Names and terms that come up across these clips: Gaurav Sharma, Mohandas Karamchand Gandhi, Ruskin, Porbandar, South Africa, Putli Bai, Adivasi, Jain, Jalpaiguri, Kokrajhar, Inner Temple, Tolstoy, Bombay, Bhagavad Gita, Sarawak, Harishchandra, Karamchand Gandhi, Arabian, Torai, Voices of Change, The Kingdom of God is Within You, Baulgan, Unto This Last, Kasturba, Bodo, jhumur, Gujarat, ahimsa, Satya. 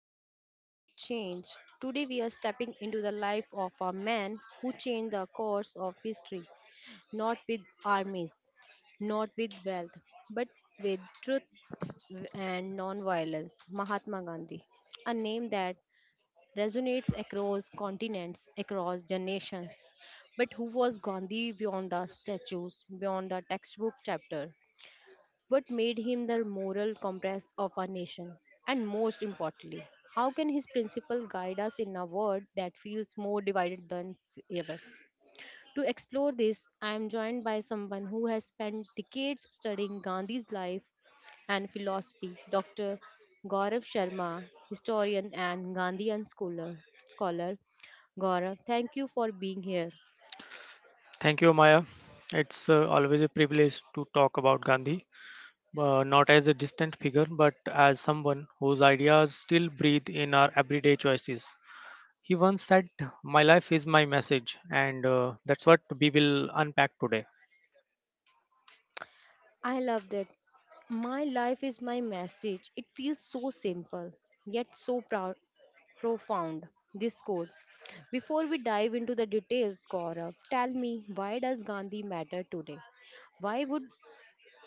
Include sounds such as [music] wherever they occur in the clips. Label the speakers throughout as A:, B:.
A: to Voices of Change. Today, we are stepping into the life of a man who changed the course of history, not with armies, not with wealth, but with truth and non-violence. Mahatma Gandhi, a name that resonates across continents, across generations. But who was Gandhi beyond the statues, beyond the textbook chapter? What made him the moral compass of our nation? And most importantly, how can his principle guide us in a world that feels more divided than ever? To explore this, I am joined by someone who has spent decades studying Gandhi's life and philosophy, Dr. Gaurav Sharma, historian and Gandhian scholar. Gaurav, thank you for being here.
B: Thank you, Maya. It's always a privilege to talk about Gandhi, not as a distant figure, but as someone whose ideas still breathe in our everyday choices. He once said, my life is my message, and that's what we will unpack today.
A: I love that. My life is my message. It feels so simple, yet so proud, profound. This quote. Before we dive into the details, Gaurav, tell me, why does Gandhi matter today? Why would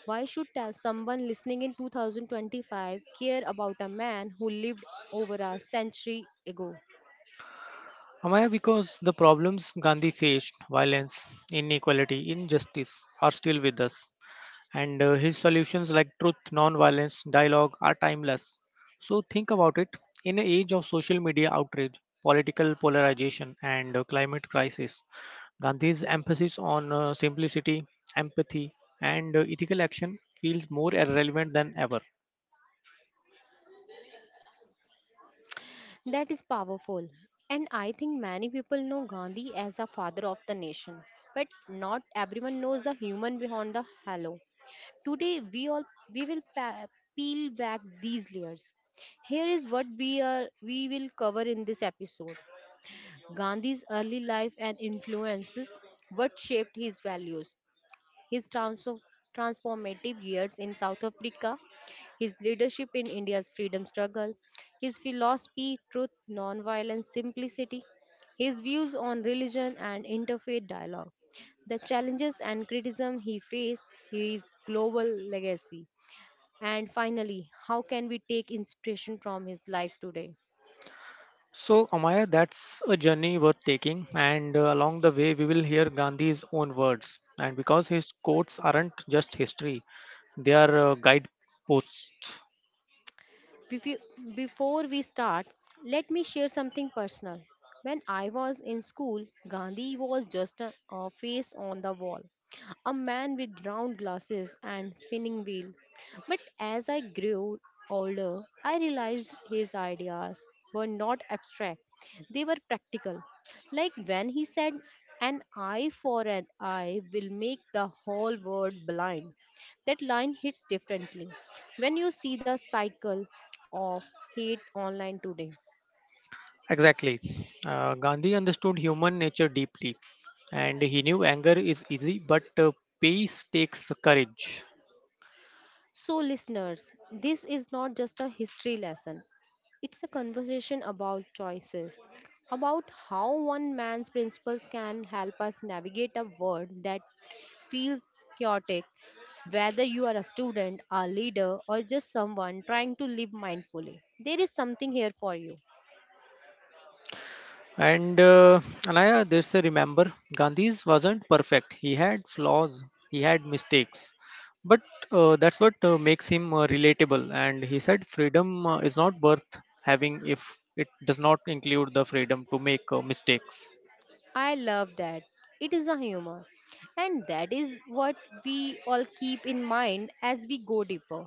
A: why should someone listening in 2025 care about a man who lived over a century ago?
B: Amaya, because the problems Gandhi faced, violence, inequality, injustice, are still with us. And his solutions like truth, non-violence, dialogue are timeless. So think about it: in an age of social media outrage, political polarization, and climate crisis, Gandhi's emphasis on simplicity, empathy, and ethical action feels more relevant than ever.
A: That is powerful. And I think many people know Gandhi as a father of the nation. But not everyone knows the human behind the halo. Today we will peel back these layers. Here is what we will cover in this episode: Gandhi's early life and influences, what shaped his values, his transformative years in South Africa, his leadership in India's freedom struggle, his philosophy, truth, nonviolence, simplicity, his views on religion and interfaith dialogue, the challenges and criticism he faced, his global legacy. And finally, how can we take inspiration from his life today?
B: So, Amaya, that's a journey worth taking, and along the way, we will hear Gandhi's own words. And because his quotes aren't just history, they are guideposts.
A: Before before we start, let me share something personal. When I was in school, Gandhi was just a face on the wall, a man with round glasses and spinning wheel. But as I grew older, I realized his ideas were not abstract. They were practical. Like when he said, "An eye for an eye will make the whole world blind." That line hits differently when you see the cycle of hate online today.
B: Exactly. Gandhi understood human nature deeply, and he knew anger is easy, but peace takes courage.
A: So, listeners, this is not just a history lesson, it's a conversation about choices, about how one man's principles can help us navigate a world that feels chaotic, whether you are a student, a leader, or just someone trying to live mindfully. There is something here for you.
B: And Anaya, there's a, remember, Gandhi's wasn't perfect. He had flaws, he had mistakes, but that's what makes him relatable. And he said, freedom is not worth having if it does not include the freedom to make mistakes.
A: I love that. It is a humor. And that is what we all keep in mind as we go deeper.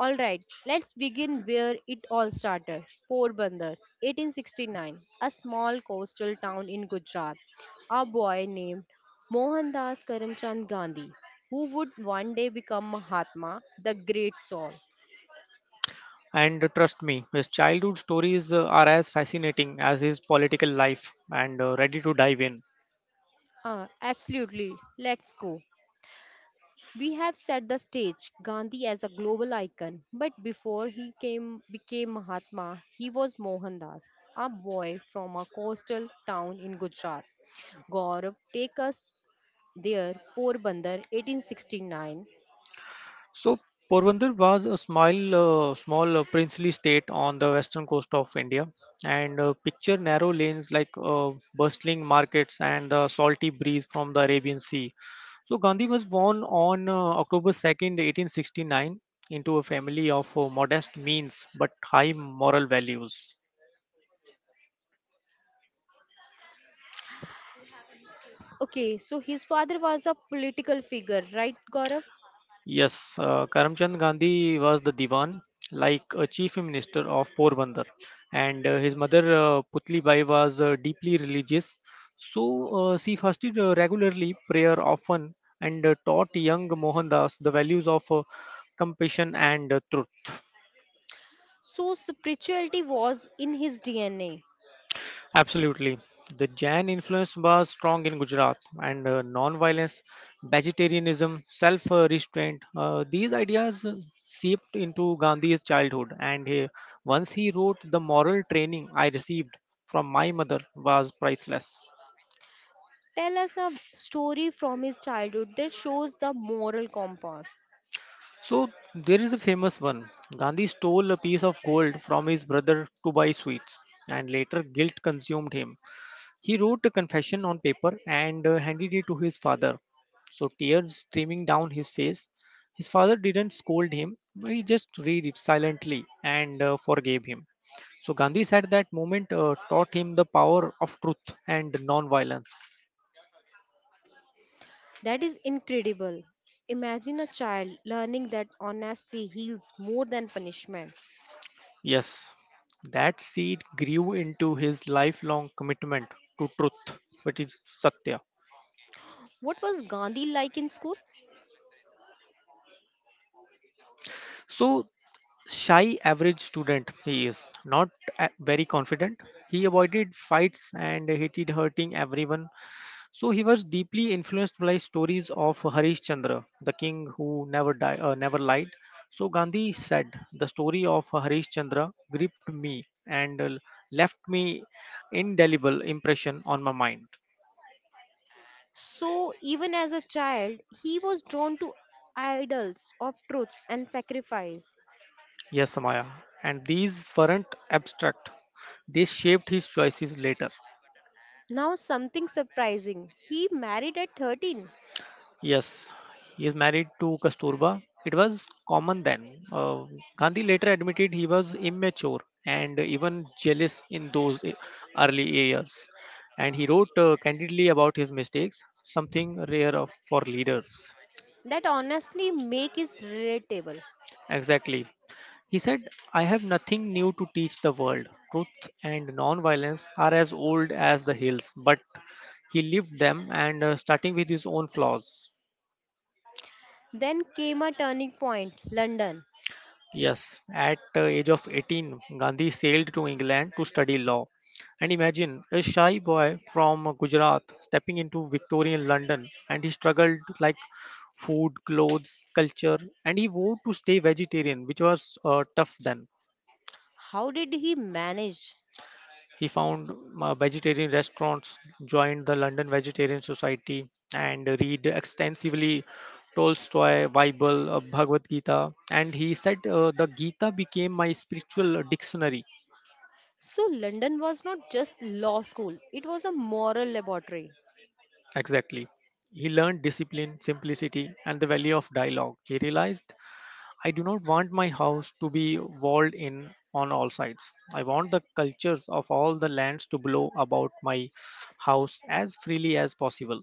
A: All right, let's begin where it all started. Porbandar, 1869, a small coastal town in Gujarat. A boy named Mohandas Karamchand Gandhi, who would one day become Mahatma, the great soul.
B: And trust me, his childhood stories are as fascinating as his political life, and ready to dive in.
A: Ah, absolutely. Let's go. We have set the stage, Gandhi as a global icon, but before he came became Mahatma, he was Mohandas, a boy from a coastal town in Gujarat. Gaurav, take us there, Porbandar, 1869.
B: So, Porbandar was a small princely state on the western coast of India. And picture narrow lanes, like bustling markets and the salty breeze from the Arabian Sea. So, Gandhi was born on October 2nd, 1869, into a family of modest means but high moral values.
A: Okay, so his father was a political figure, right, Gaurav?
B: Yes, Karamchand Gandhi was the Diwan, like a chief minister of Porbandar, and his mother Putli Bai was deeply religious. So she fasted regularly, prayer often, and taught young Mohandas the values of compassion and truth.
A: So spirituality was in his DNA.
B: Absolutely. The Jain influence was strong in Gujarat, and non-violence, vegetarianism, self-restraint. These ideas seeped into Gandhi's childhood, and he wrote, "The moral training I received from my mother was priceless."
A: Tell us a story from his childhood that shows the moral compass.
B: So there is a famous one. Gandhi stole a piece of gold from his brother to buy sweets, and later guilt consumed him. He wrote a confession on paper and handed it to his father. So tears streaming down his face. His father didn't scold him, but he just read it silently and forgave him. So Gandhi said that moment taught him the power of truth and non-violence.
A: That is incredible. Imagine a child learning that honesty heals more than punishment.
B: Yes, that seed grew into his lifelong commitment to truth, which is Satya.
A: What was Gandhi like in school?
B: So shy, average student, he is not a- very confident. He avoided fights and hated hurting everyone. So he was deeply influenced by stories of Harish Chandra, the king who never lied. So Gandhi said, the story of Harish Chandra gripped me and left me indelible impression on my mind.
A: So, even as a child, he was drawn to idols of truth and sacrifice.
B: Yes, Samaya, and these weren't abstract. They shaped his choices later.
A: Now, something surprising. He married at 13.
B: Yes, he is married to Kasturba. It was common then. Gandhi later admitted he was immature and even jealous in early years. And he wrote candidly about his mistakes, something rare for leaders.
A: That honestly make is relatable.
B: Exactly. He said, I have nothing new to teach the world. Truth and non-violence are as old as the hills, but he lived them, and starting with his own flaws.
A: Then came a turning point, London.
B: Yes, at the age of 18, Gandhi sailed to England to study law. And imagine a shy boy from Gujarat stepping into Victorian London, and he struggled like food, clothes, culture, and he vowed to stay vegetarian, which was tough then.
A: How did he manage?
B: He found vegetarian restaurants, joined the London Vegetarian Society, and read extensively Tolstoy, Bible, Bhagavad Gita. And he said, the Gita became my spiritual dictionary.
A: So, London was not just law school, it was a moral laboratory.
B: Exactly. He learned discipline, simplicity, and the value of dialogue. He realized, I do not want my house to be walled in on all sides. I want the cultures of all the lands to blow about my house as freely as possible.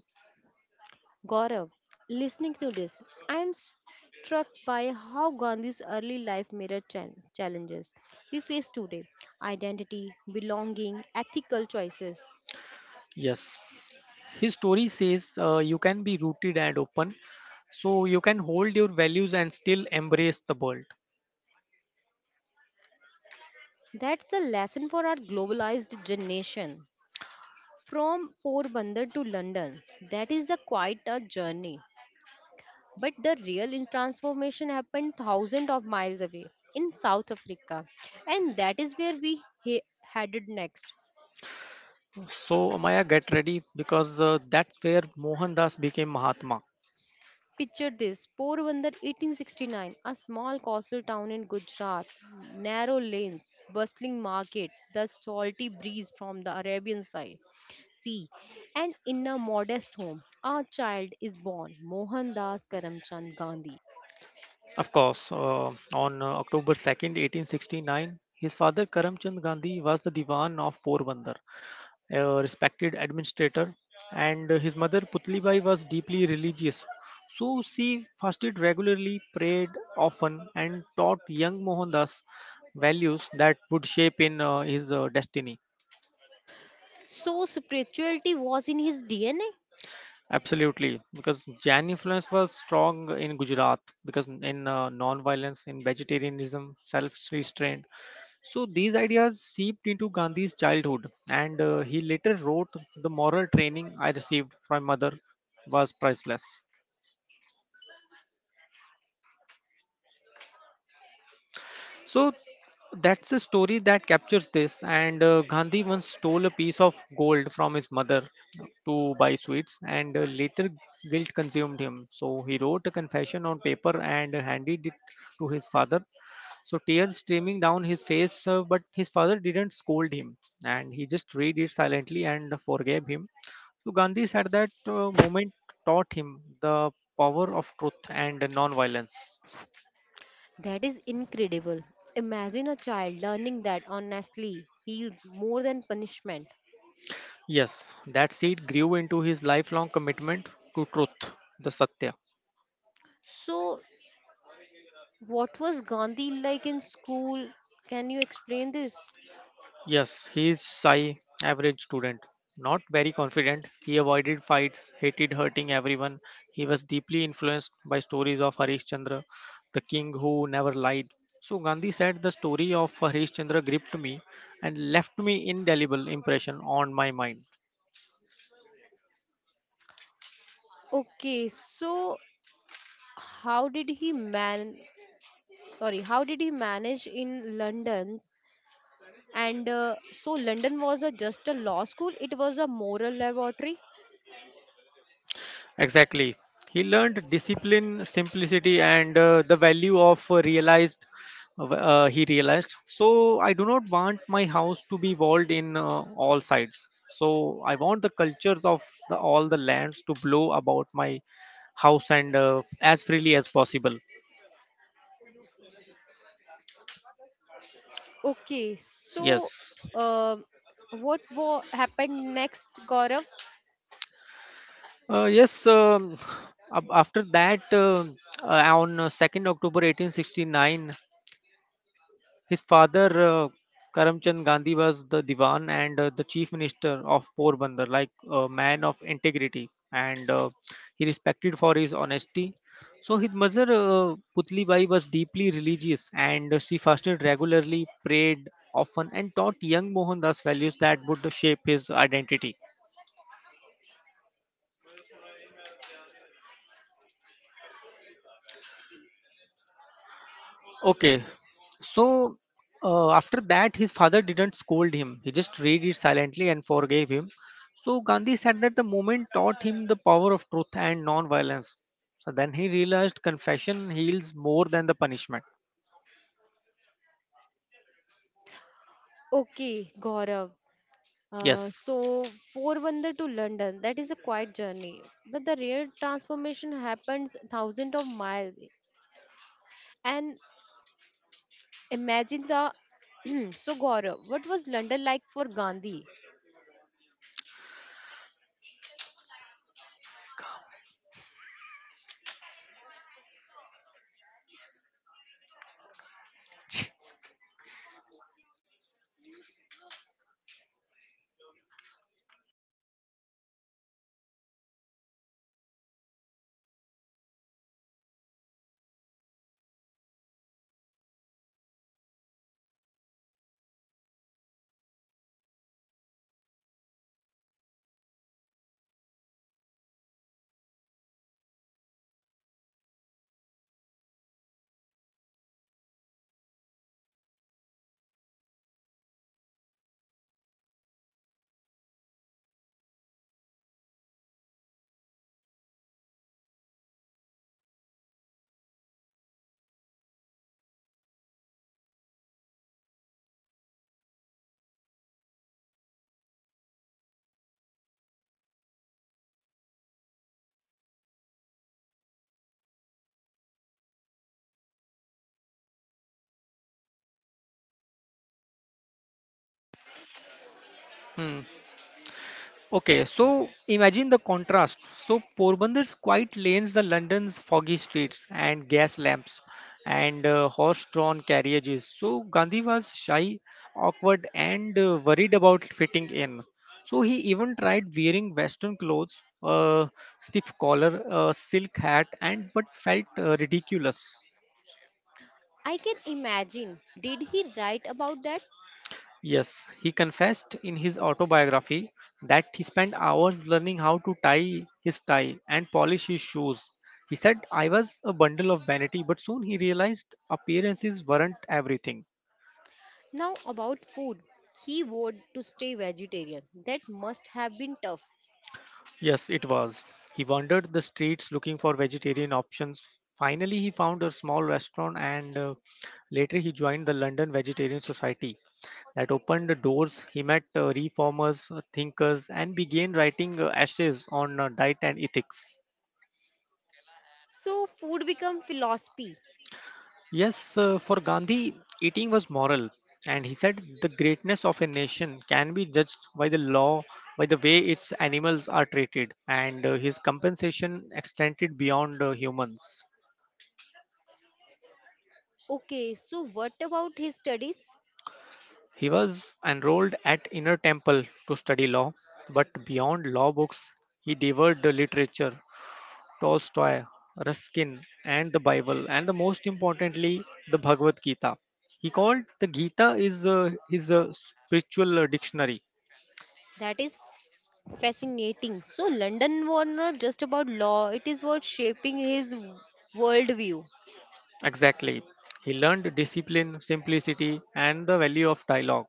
A: Gaurav, listening to this, I am struck by how Gandhi's early life mirrored challenges we face today: identity, belonging, ethical choices.
B: Yes. His story says you can be rooted and open, so you can hold your values and still embrace the world.
A: That's a lesson for our globalized generation. From Porbandar to London, that is a quite a journey. But the real transformation happened thousands of miles away in South Africa, and that is where we headed next.
B: So, Amaya, get ready, because that's where Mohandas became Mahatma.
A: Picture this, Porbandar 1869, a small coastal town in Gujarat, narrow lanes, bustling market, the salty breeze from the Arabian side. See, and in a modest home, a child is born, Mohandas Karamchand Gandhi.
B: Of course, on October 2nd, 1869, his father Karamchand Gandhi was the Diwan of Porbandar, a respected administrator, and his mother Putlibai was deeply religious. So she fasted regularly, prayed often, and taught young Mohandas values that would shape in his destiny.
A: So, spirituality was in his DNA?
B: Absolutely, because Jain influence was strong in Gujarat, because in non-violence, in vegetarianism, self-restraint, so these ideas seeped into Gandhi's childhood, and he later wrote, the moral training I received from my mother was priceless. So that's a story that captures this. And Gandhi once stole a piece of gold from his mother to buy sweets, and later guilt consumed him. So he wrote a confession on paper and handed it to his father. So tears streaming down his face, but his father didn't scold him, and he just read it silently and forgave him. So Gandhi said that moment taught him the power of truth and non-violence.
A: That is incredible. Imagine a child learning that honestly heals more than punishment.
B: Yes, that seed grew into his lifelong commitment to truth, the Satya.
A: So, what was Gandhi like in school? Can you explain this?
B: Yes, he is shy, average student. Not very confident, he avoided fights, hated hurting everyone. He was deeply influenced by stories of Harishchandra, the king who never lied. So Gandhi said the story of Harishchandra gripped me and left me indelible impression on my mind.
A: Okay, so how did he man sorry, how did he manage in London's? And uh, so London was just a law school, it was a moral laboratory.
B: Exactly. He learned discipline, simplicity, and the value of realized. He realized. So I do not want my house to be walled in all sides. So I want the cultures of all the lands to blow about my house and as freely as possible.
A: Okay, so
B: Yes.
A: um what happened next, Gaurav?
B: Yes. [sighs] After that, uh, on 2nd October 1869, his father, Karamchand Gandhi, was the Diwan, and the Chief Minister of Porbandar, like a man of integrity, and he respected for his honesty. So his mother, Putli Bai, was deeply religious, and she fasted regularly, prayed often, and taught young Mohandas values that would shape his identity. Okay. So after that, his father didn't scold him. He just read it silently and forgave him. So Gandhi said that the moment taught him the power of truth and non-violence. So then he realized confession heals more than the punishment.
A: Okay, Gaurav. Uh,
B: Yes.
A: so, Four wonder to London, that is a quiet journey. But the real transformation happens thousands of miles. And imagine the [clears throat] so Gaurav, what was London like for Gandhi?
B: Hmm. Okay, so imagine the contrast. So Porbandur's quiet lanes, the London's foggy streets and gas lamps and horse-drawn carriages. So Gandhi was shy, awkward and worried about fitting in. So he even tried wearing western clothes, a stiff collar, a silk hat, and but felt ridiculous.
A: I can imagine. Did he write about that?
B: Yes, he confessed in his autobiography that he spent hours learning how to tie his tie and polish his shoes. He said, I was a bundle of vanity, but soon he realized appearances weren't everything.
A: Now about food. He vowed to stay vegetarian. That must have been tough.
B: Yes, it was. He wandered the streets looking for vegetarian options. Finally, he found a small restaurant, and later he joined the London Vegetarian Society that opened the doors. He met reformers, thinkers, and began writing essays on diet and ethics.
A: So food become philosophy.
B: Yes, for Gandhi, eating was moral, and he said the greatness of a nation can be judged by the law, by the way its animals are treated, and his compensation extended beyond humans.
A: Okay, so what about his studies?
B: He was enrolled at Inner Temple to study law, but beyond law books, he devoured the literature, Tolstoy, Ruskin, and the Bible, and the most importantly, the Bhagavad Gita. He called the Gita is his spiritual dictionary.
A: That is fascinating. So, London was not just about law, it is what shaping his worldview.
B: Exactly. He learned discipline, simplicity, and the value of dialogue.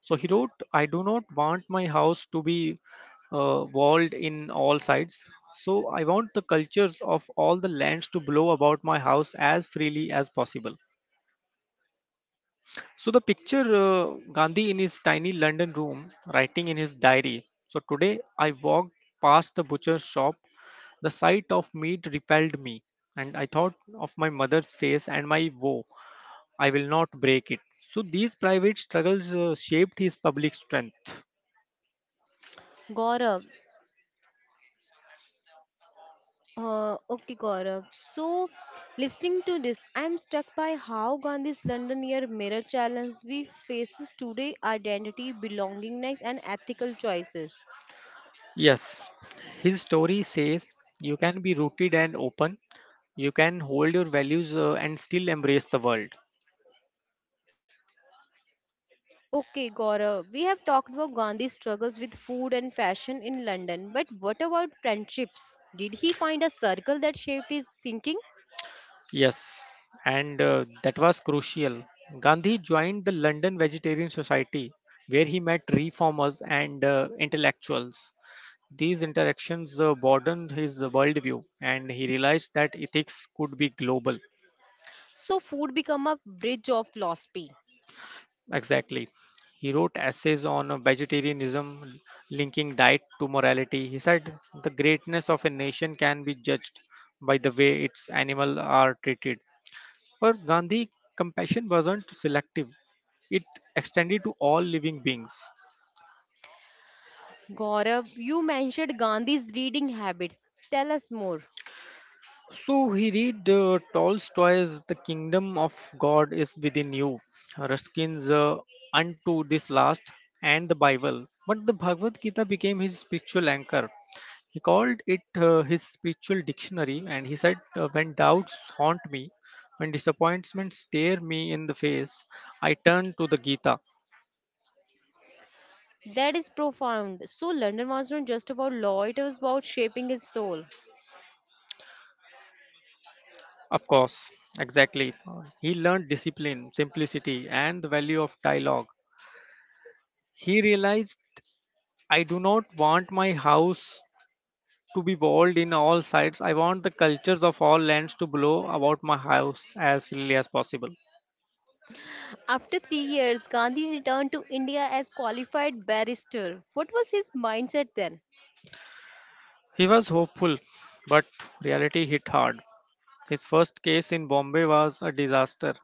B: So he wrote, I do not want my house to be walled in all sides. So I want the cultures of all the lands to blow about my house as freely as possible. So the picture Gandhi in his tiny London room writing in his diary. So today I walked past the butcher's shop. The sight of meat repelled me, and I thought of my mother's face and my woe. I will not break it. So these private struggles shaped his public strength.
A: Gaurav. Okay, Gaurav. So, listening to this, I'm struck by how Gandhi's London year mirror challenge we faces today: identity, belongingness, and ethical choices.
B: Yes, his story says you can be rooted and open, you can hold your values and still embrace the world.
A: Okay, Gaurav, we have talked about Gandhi's struggles with food and fashion in London, but what about friendships? Did he find a circle that shaped his thinking?
B: Yes, and that was crucial. Gandhi joined the London Vegetarian Society where he met reformers and intellectuals. These interactions broadened his worldview and he realized that ethics could be global.
A: So food become a bridge of philosophy.
B: Exactly. He wrote essays on vegetarianism, linking diet to morality. He said the greatness of a nation can be judged by the way its animals are treated. For Gandhi, compassion wasn't selective, it extended to all living beings.
A: Gaurav, you mentioned Gandhi's reading habits. Tell us more.
B: So he read Tolstoy's The Kingdom of God is Within You, Ruskin's Unto This Last, and the Bible. But the Bhagavad Gita became his spiritual anchor. He called it his spiritual dictionary, and he said, When doubts haunt me, when disappointments stare me in the face, I turn to the Gita.
A: That is profound. So London was not just about law, it was about shaping his soul.
B: Of course, exactly. He learned discipline, simplicity, and the value of dialogue. He realized, I do not want my house to be walled in all sides. I want the cultures of all lands to blow about my house as freely as possible.
A: After 3 years, Gandhi returned to India as qualified barrister. What was his mindset then?
B: He was hopeful, but reality hit hard. His first case in Bombay was a disaster.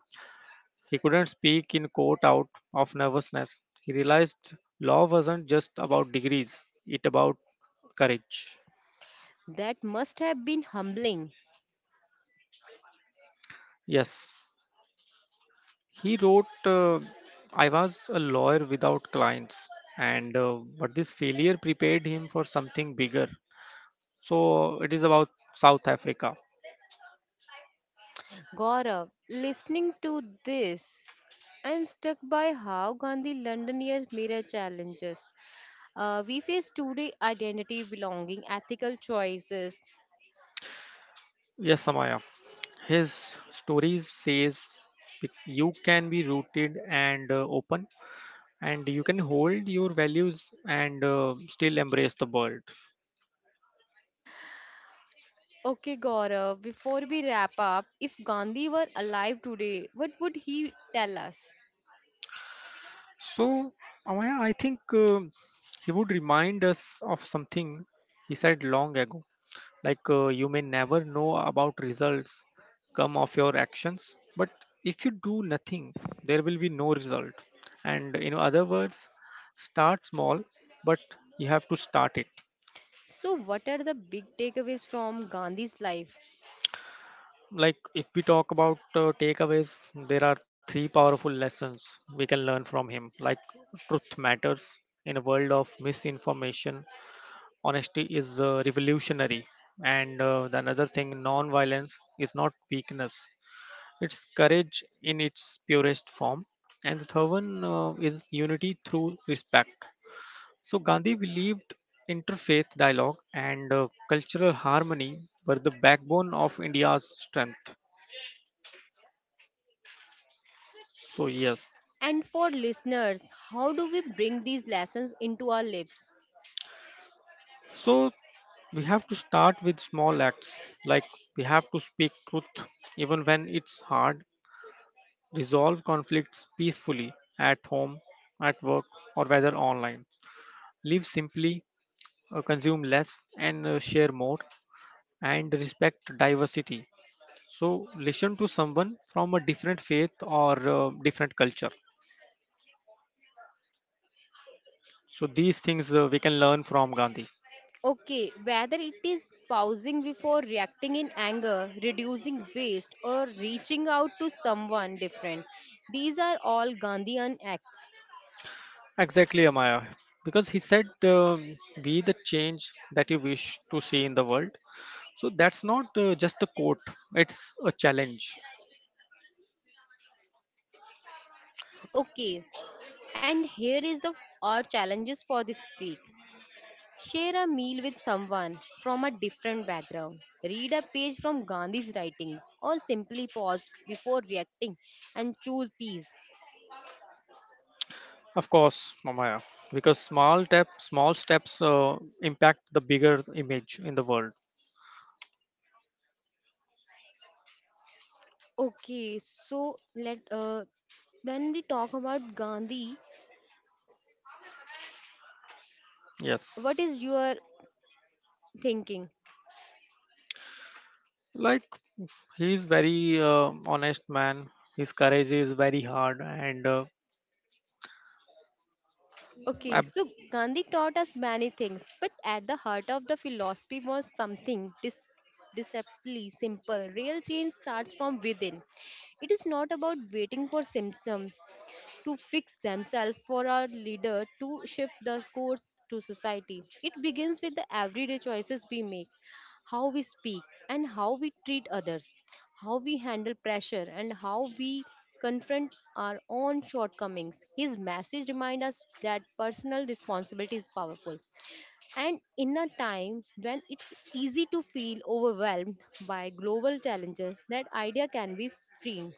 B: He couldn't speak in court out of nervousness. He realized law wasn't just about degrees, it about courage.
A: That must have been humbling.
B: Yes, he wrote, I was a lawyer without clients, and but this failure prepared him for something bigger. So it is about South Africa.
A: Gaurav, listening to this, I'm struck by how Gandhi London year mirror challenges. We face today: identity, belonging, ethical choices.
B: Yes, Samaya. His stories says you can be rooted and open, and you can hold your values and still embrace the world.
A: Okay, Gaurav, before we wrap up, if Gandhi were alive today, what would he tell us?
B: So Amaya, I think he would remind us of something he said long ago, like you may never know about results come of your actions, but if you do nothing there will be no result. And in other words, start small, but you have to start it.
A: So, what are the big takeaways from Gandhi's life?
B: Like if we talk about takeaways, there are three powerful lessons we can learn from him. Like, truth matters. In a world of misinformation, honesty is revolutionary. And the another thing, non-violence is not weakness, it's courage in its purest form. And the third one, is unity through respect. So Gandhi believed interfaith dialogue and cultural harmony were the backbone of India's strength. So, yes.
A: And for listeners, how do we bring these lessons into our lives?
B: So, we have to start with small acts, like we have to speak truth even when it's hard, resolve conflicts peacefully at home, at work, or whether online. Live simply, consume less, and share more, and respect diversity. So, listen to someone from a different faith or different culture. So, these things we can learn from Gandhi.
A: Okay, whether it is pausing before reacting in anger, reducing waste, or reaching out to someone different, these are all Gandhian acts.
B: Exactly, Amaya. Because he said, be the change that you wish to see in the world. So that's not just a quote, it's a challenge.
A: Okay, and here is the our challenges for this week. Share a meal with someone from a different background. Read a page from Gandhi's writings, or simply pause before reacting and choose peace.
B: Of course, Amaya. Because small, tap, small steps impact the bigger image in the world.
A: Okay, so let when we talk about Gandhi, what
B: Yes.
A: is your thinking.
B: Like, he's very honest man. His courage is very hard.
A: Okay,
B: Ab-
A: so Gandhi taught us many things, but at the heart of the philosophy was something deceptively simple. Real change starts from within. It is not about waiting for symptoms to fix themselves for our leader to shift the course to society. It begins with the everyday choices we make, how we speak and how we treat others, how we handle pressure and how we confront our own shortcomings. His message reminds us that personal responsibility is powerful. And in a time when it's easy to feel overwhelmed by global challenges, that idea can be freeing.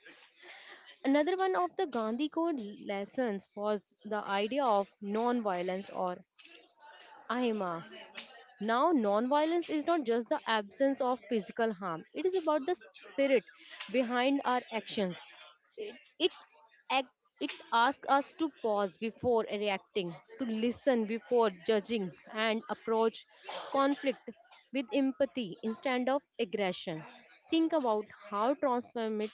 A: Another one of the Gandhi Code lessons was the idea of non-violence or ahimsa. Now, nonviolence is not just the absence of physical harm, it is about the spirit behind our actions. It, it, act, it asks us to pause before reacting, to listen before judging, and approach conflict with empathy instead of aggression. Think about how transformative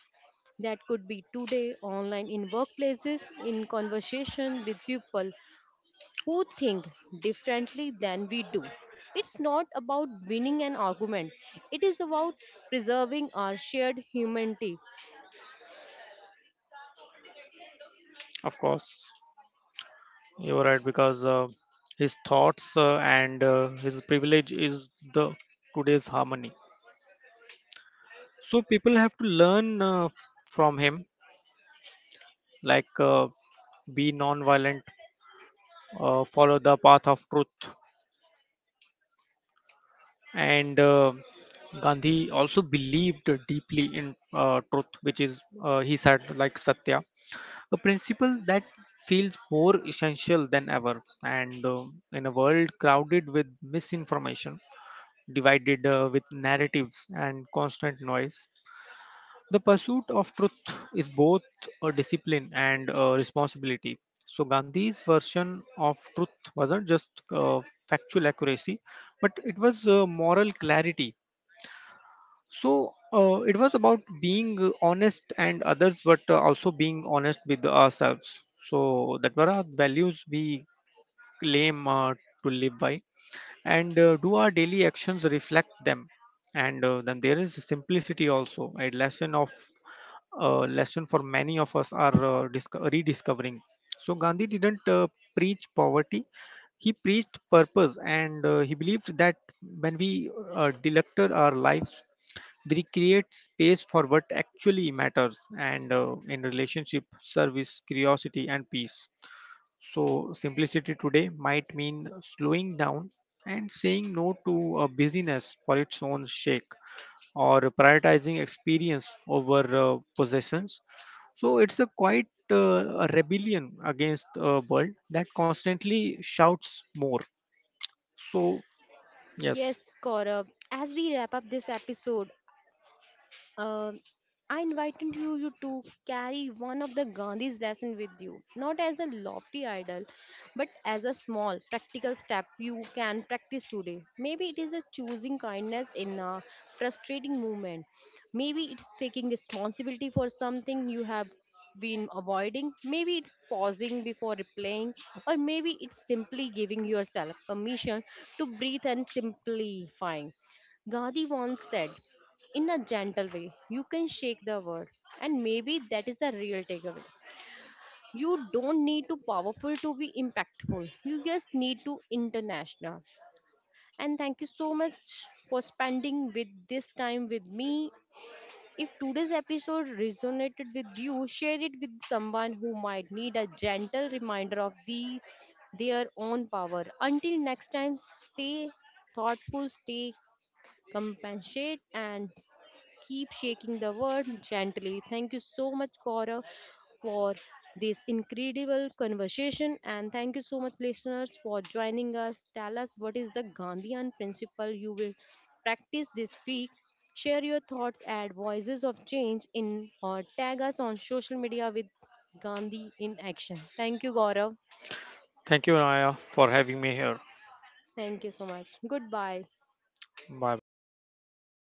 A: that could be today, online, in workplaces, in conversation with people who think differently than we do. It's not about winning an argument, it is about preserving our shared humanity.
B: of course, you're right. Because his thoughts and his privilege is the today's harmony. So people have to learn from him, like be non-violent, follow the path of truth, and Gandhi also believed deeply in truth, which is he said like Satya, a principle that feels more essential than ever. And in a world crowded with misinformation, divided with narratives and constant noise. The pursuit of truth is both a discipline and a responsibility. So, Gandhi's version of truth wasn't just uh, factual accuracy, but it was moral clarity. So, it was about being honest and others, but also being honest with ourselves. So, that were our values we claim to live by, and do our daily actions reflect them? And then there is simplicity, also a lesson of lesson for many of us are rediscovering. So Gandhi didn't preach poverty, he preached purpose. And he believed that when we delected our lives, we create space for what actually matters. And in relationship, service, curiosity, and peace. So, simplicity today might mean slowing down and saying no to a busyness for its own sake, or prioritizing experience over possessions. So, it's a quite a rebellion against a world that constantly shouts more. So, yes,
A: Yes, Gaurav. As we wrap up this episode, Um I invited you to carry one of the Gandhi's lesson with you, not as a lofty idol, but as a small practical step you can practice today. Maybe it is a choosing kindness in a frustrating moment. Maybe it's taking responsibility for something you have been avoiding. Maybe it's pausing before replying, or maybe it's simply giving yourself permission to breathe and simplifying. Gandhi once said, in a gentle way. You can shake the world, and maybe that is a real takeaway. You don't need to powerful to be impactful. You just need to international. And thank you so much for spending with this time with me. If today's episode resonated with you, share it with someone who might need a gentle reminder of the their own power. Until next time, stay thoughtful, stay compassionate, and keep shaking the world gently. Thank you so much, Cora, for this incredible conversation. And thank you so much, listeners, for joining us. Tell us what is the Gandhian principle you will practice this week. Share your thoughts at Voices of Change in, or tag us on social media with Gandhi in action. Thank you, Gaurav.
B: thank you, Naya, for having me here.
A: Thank you so much. Goodbye.
B: Bye bye.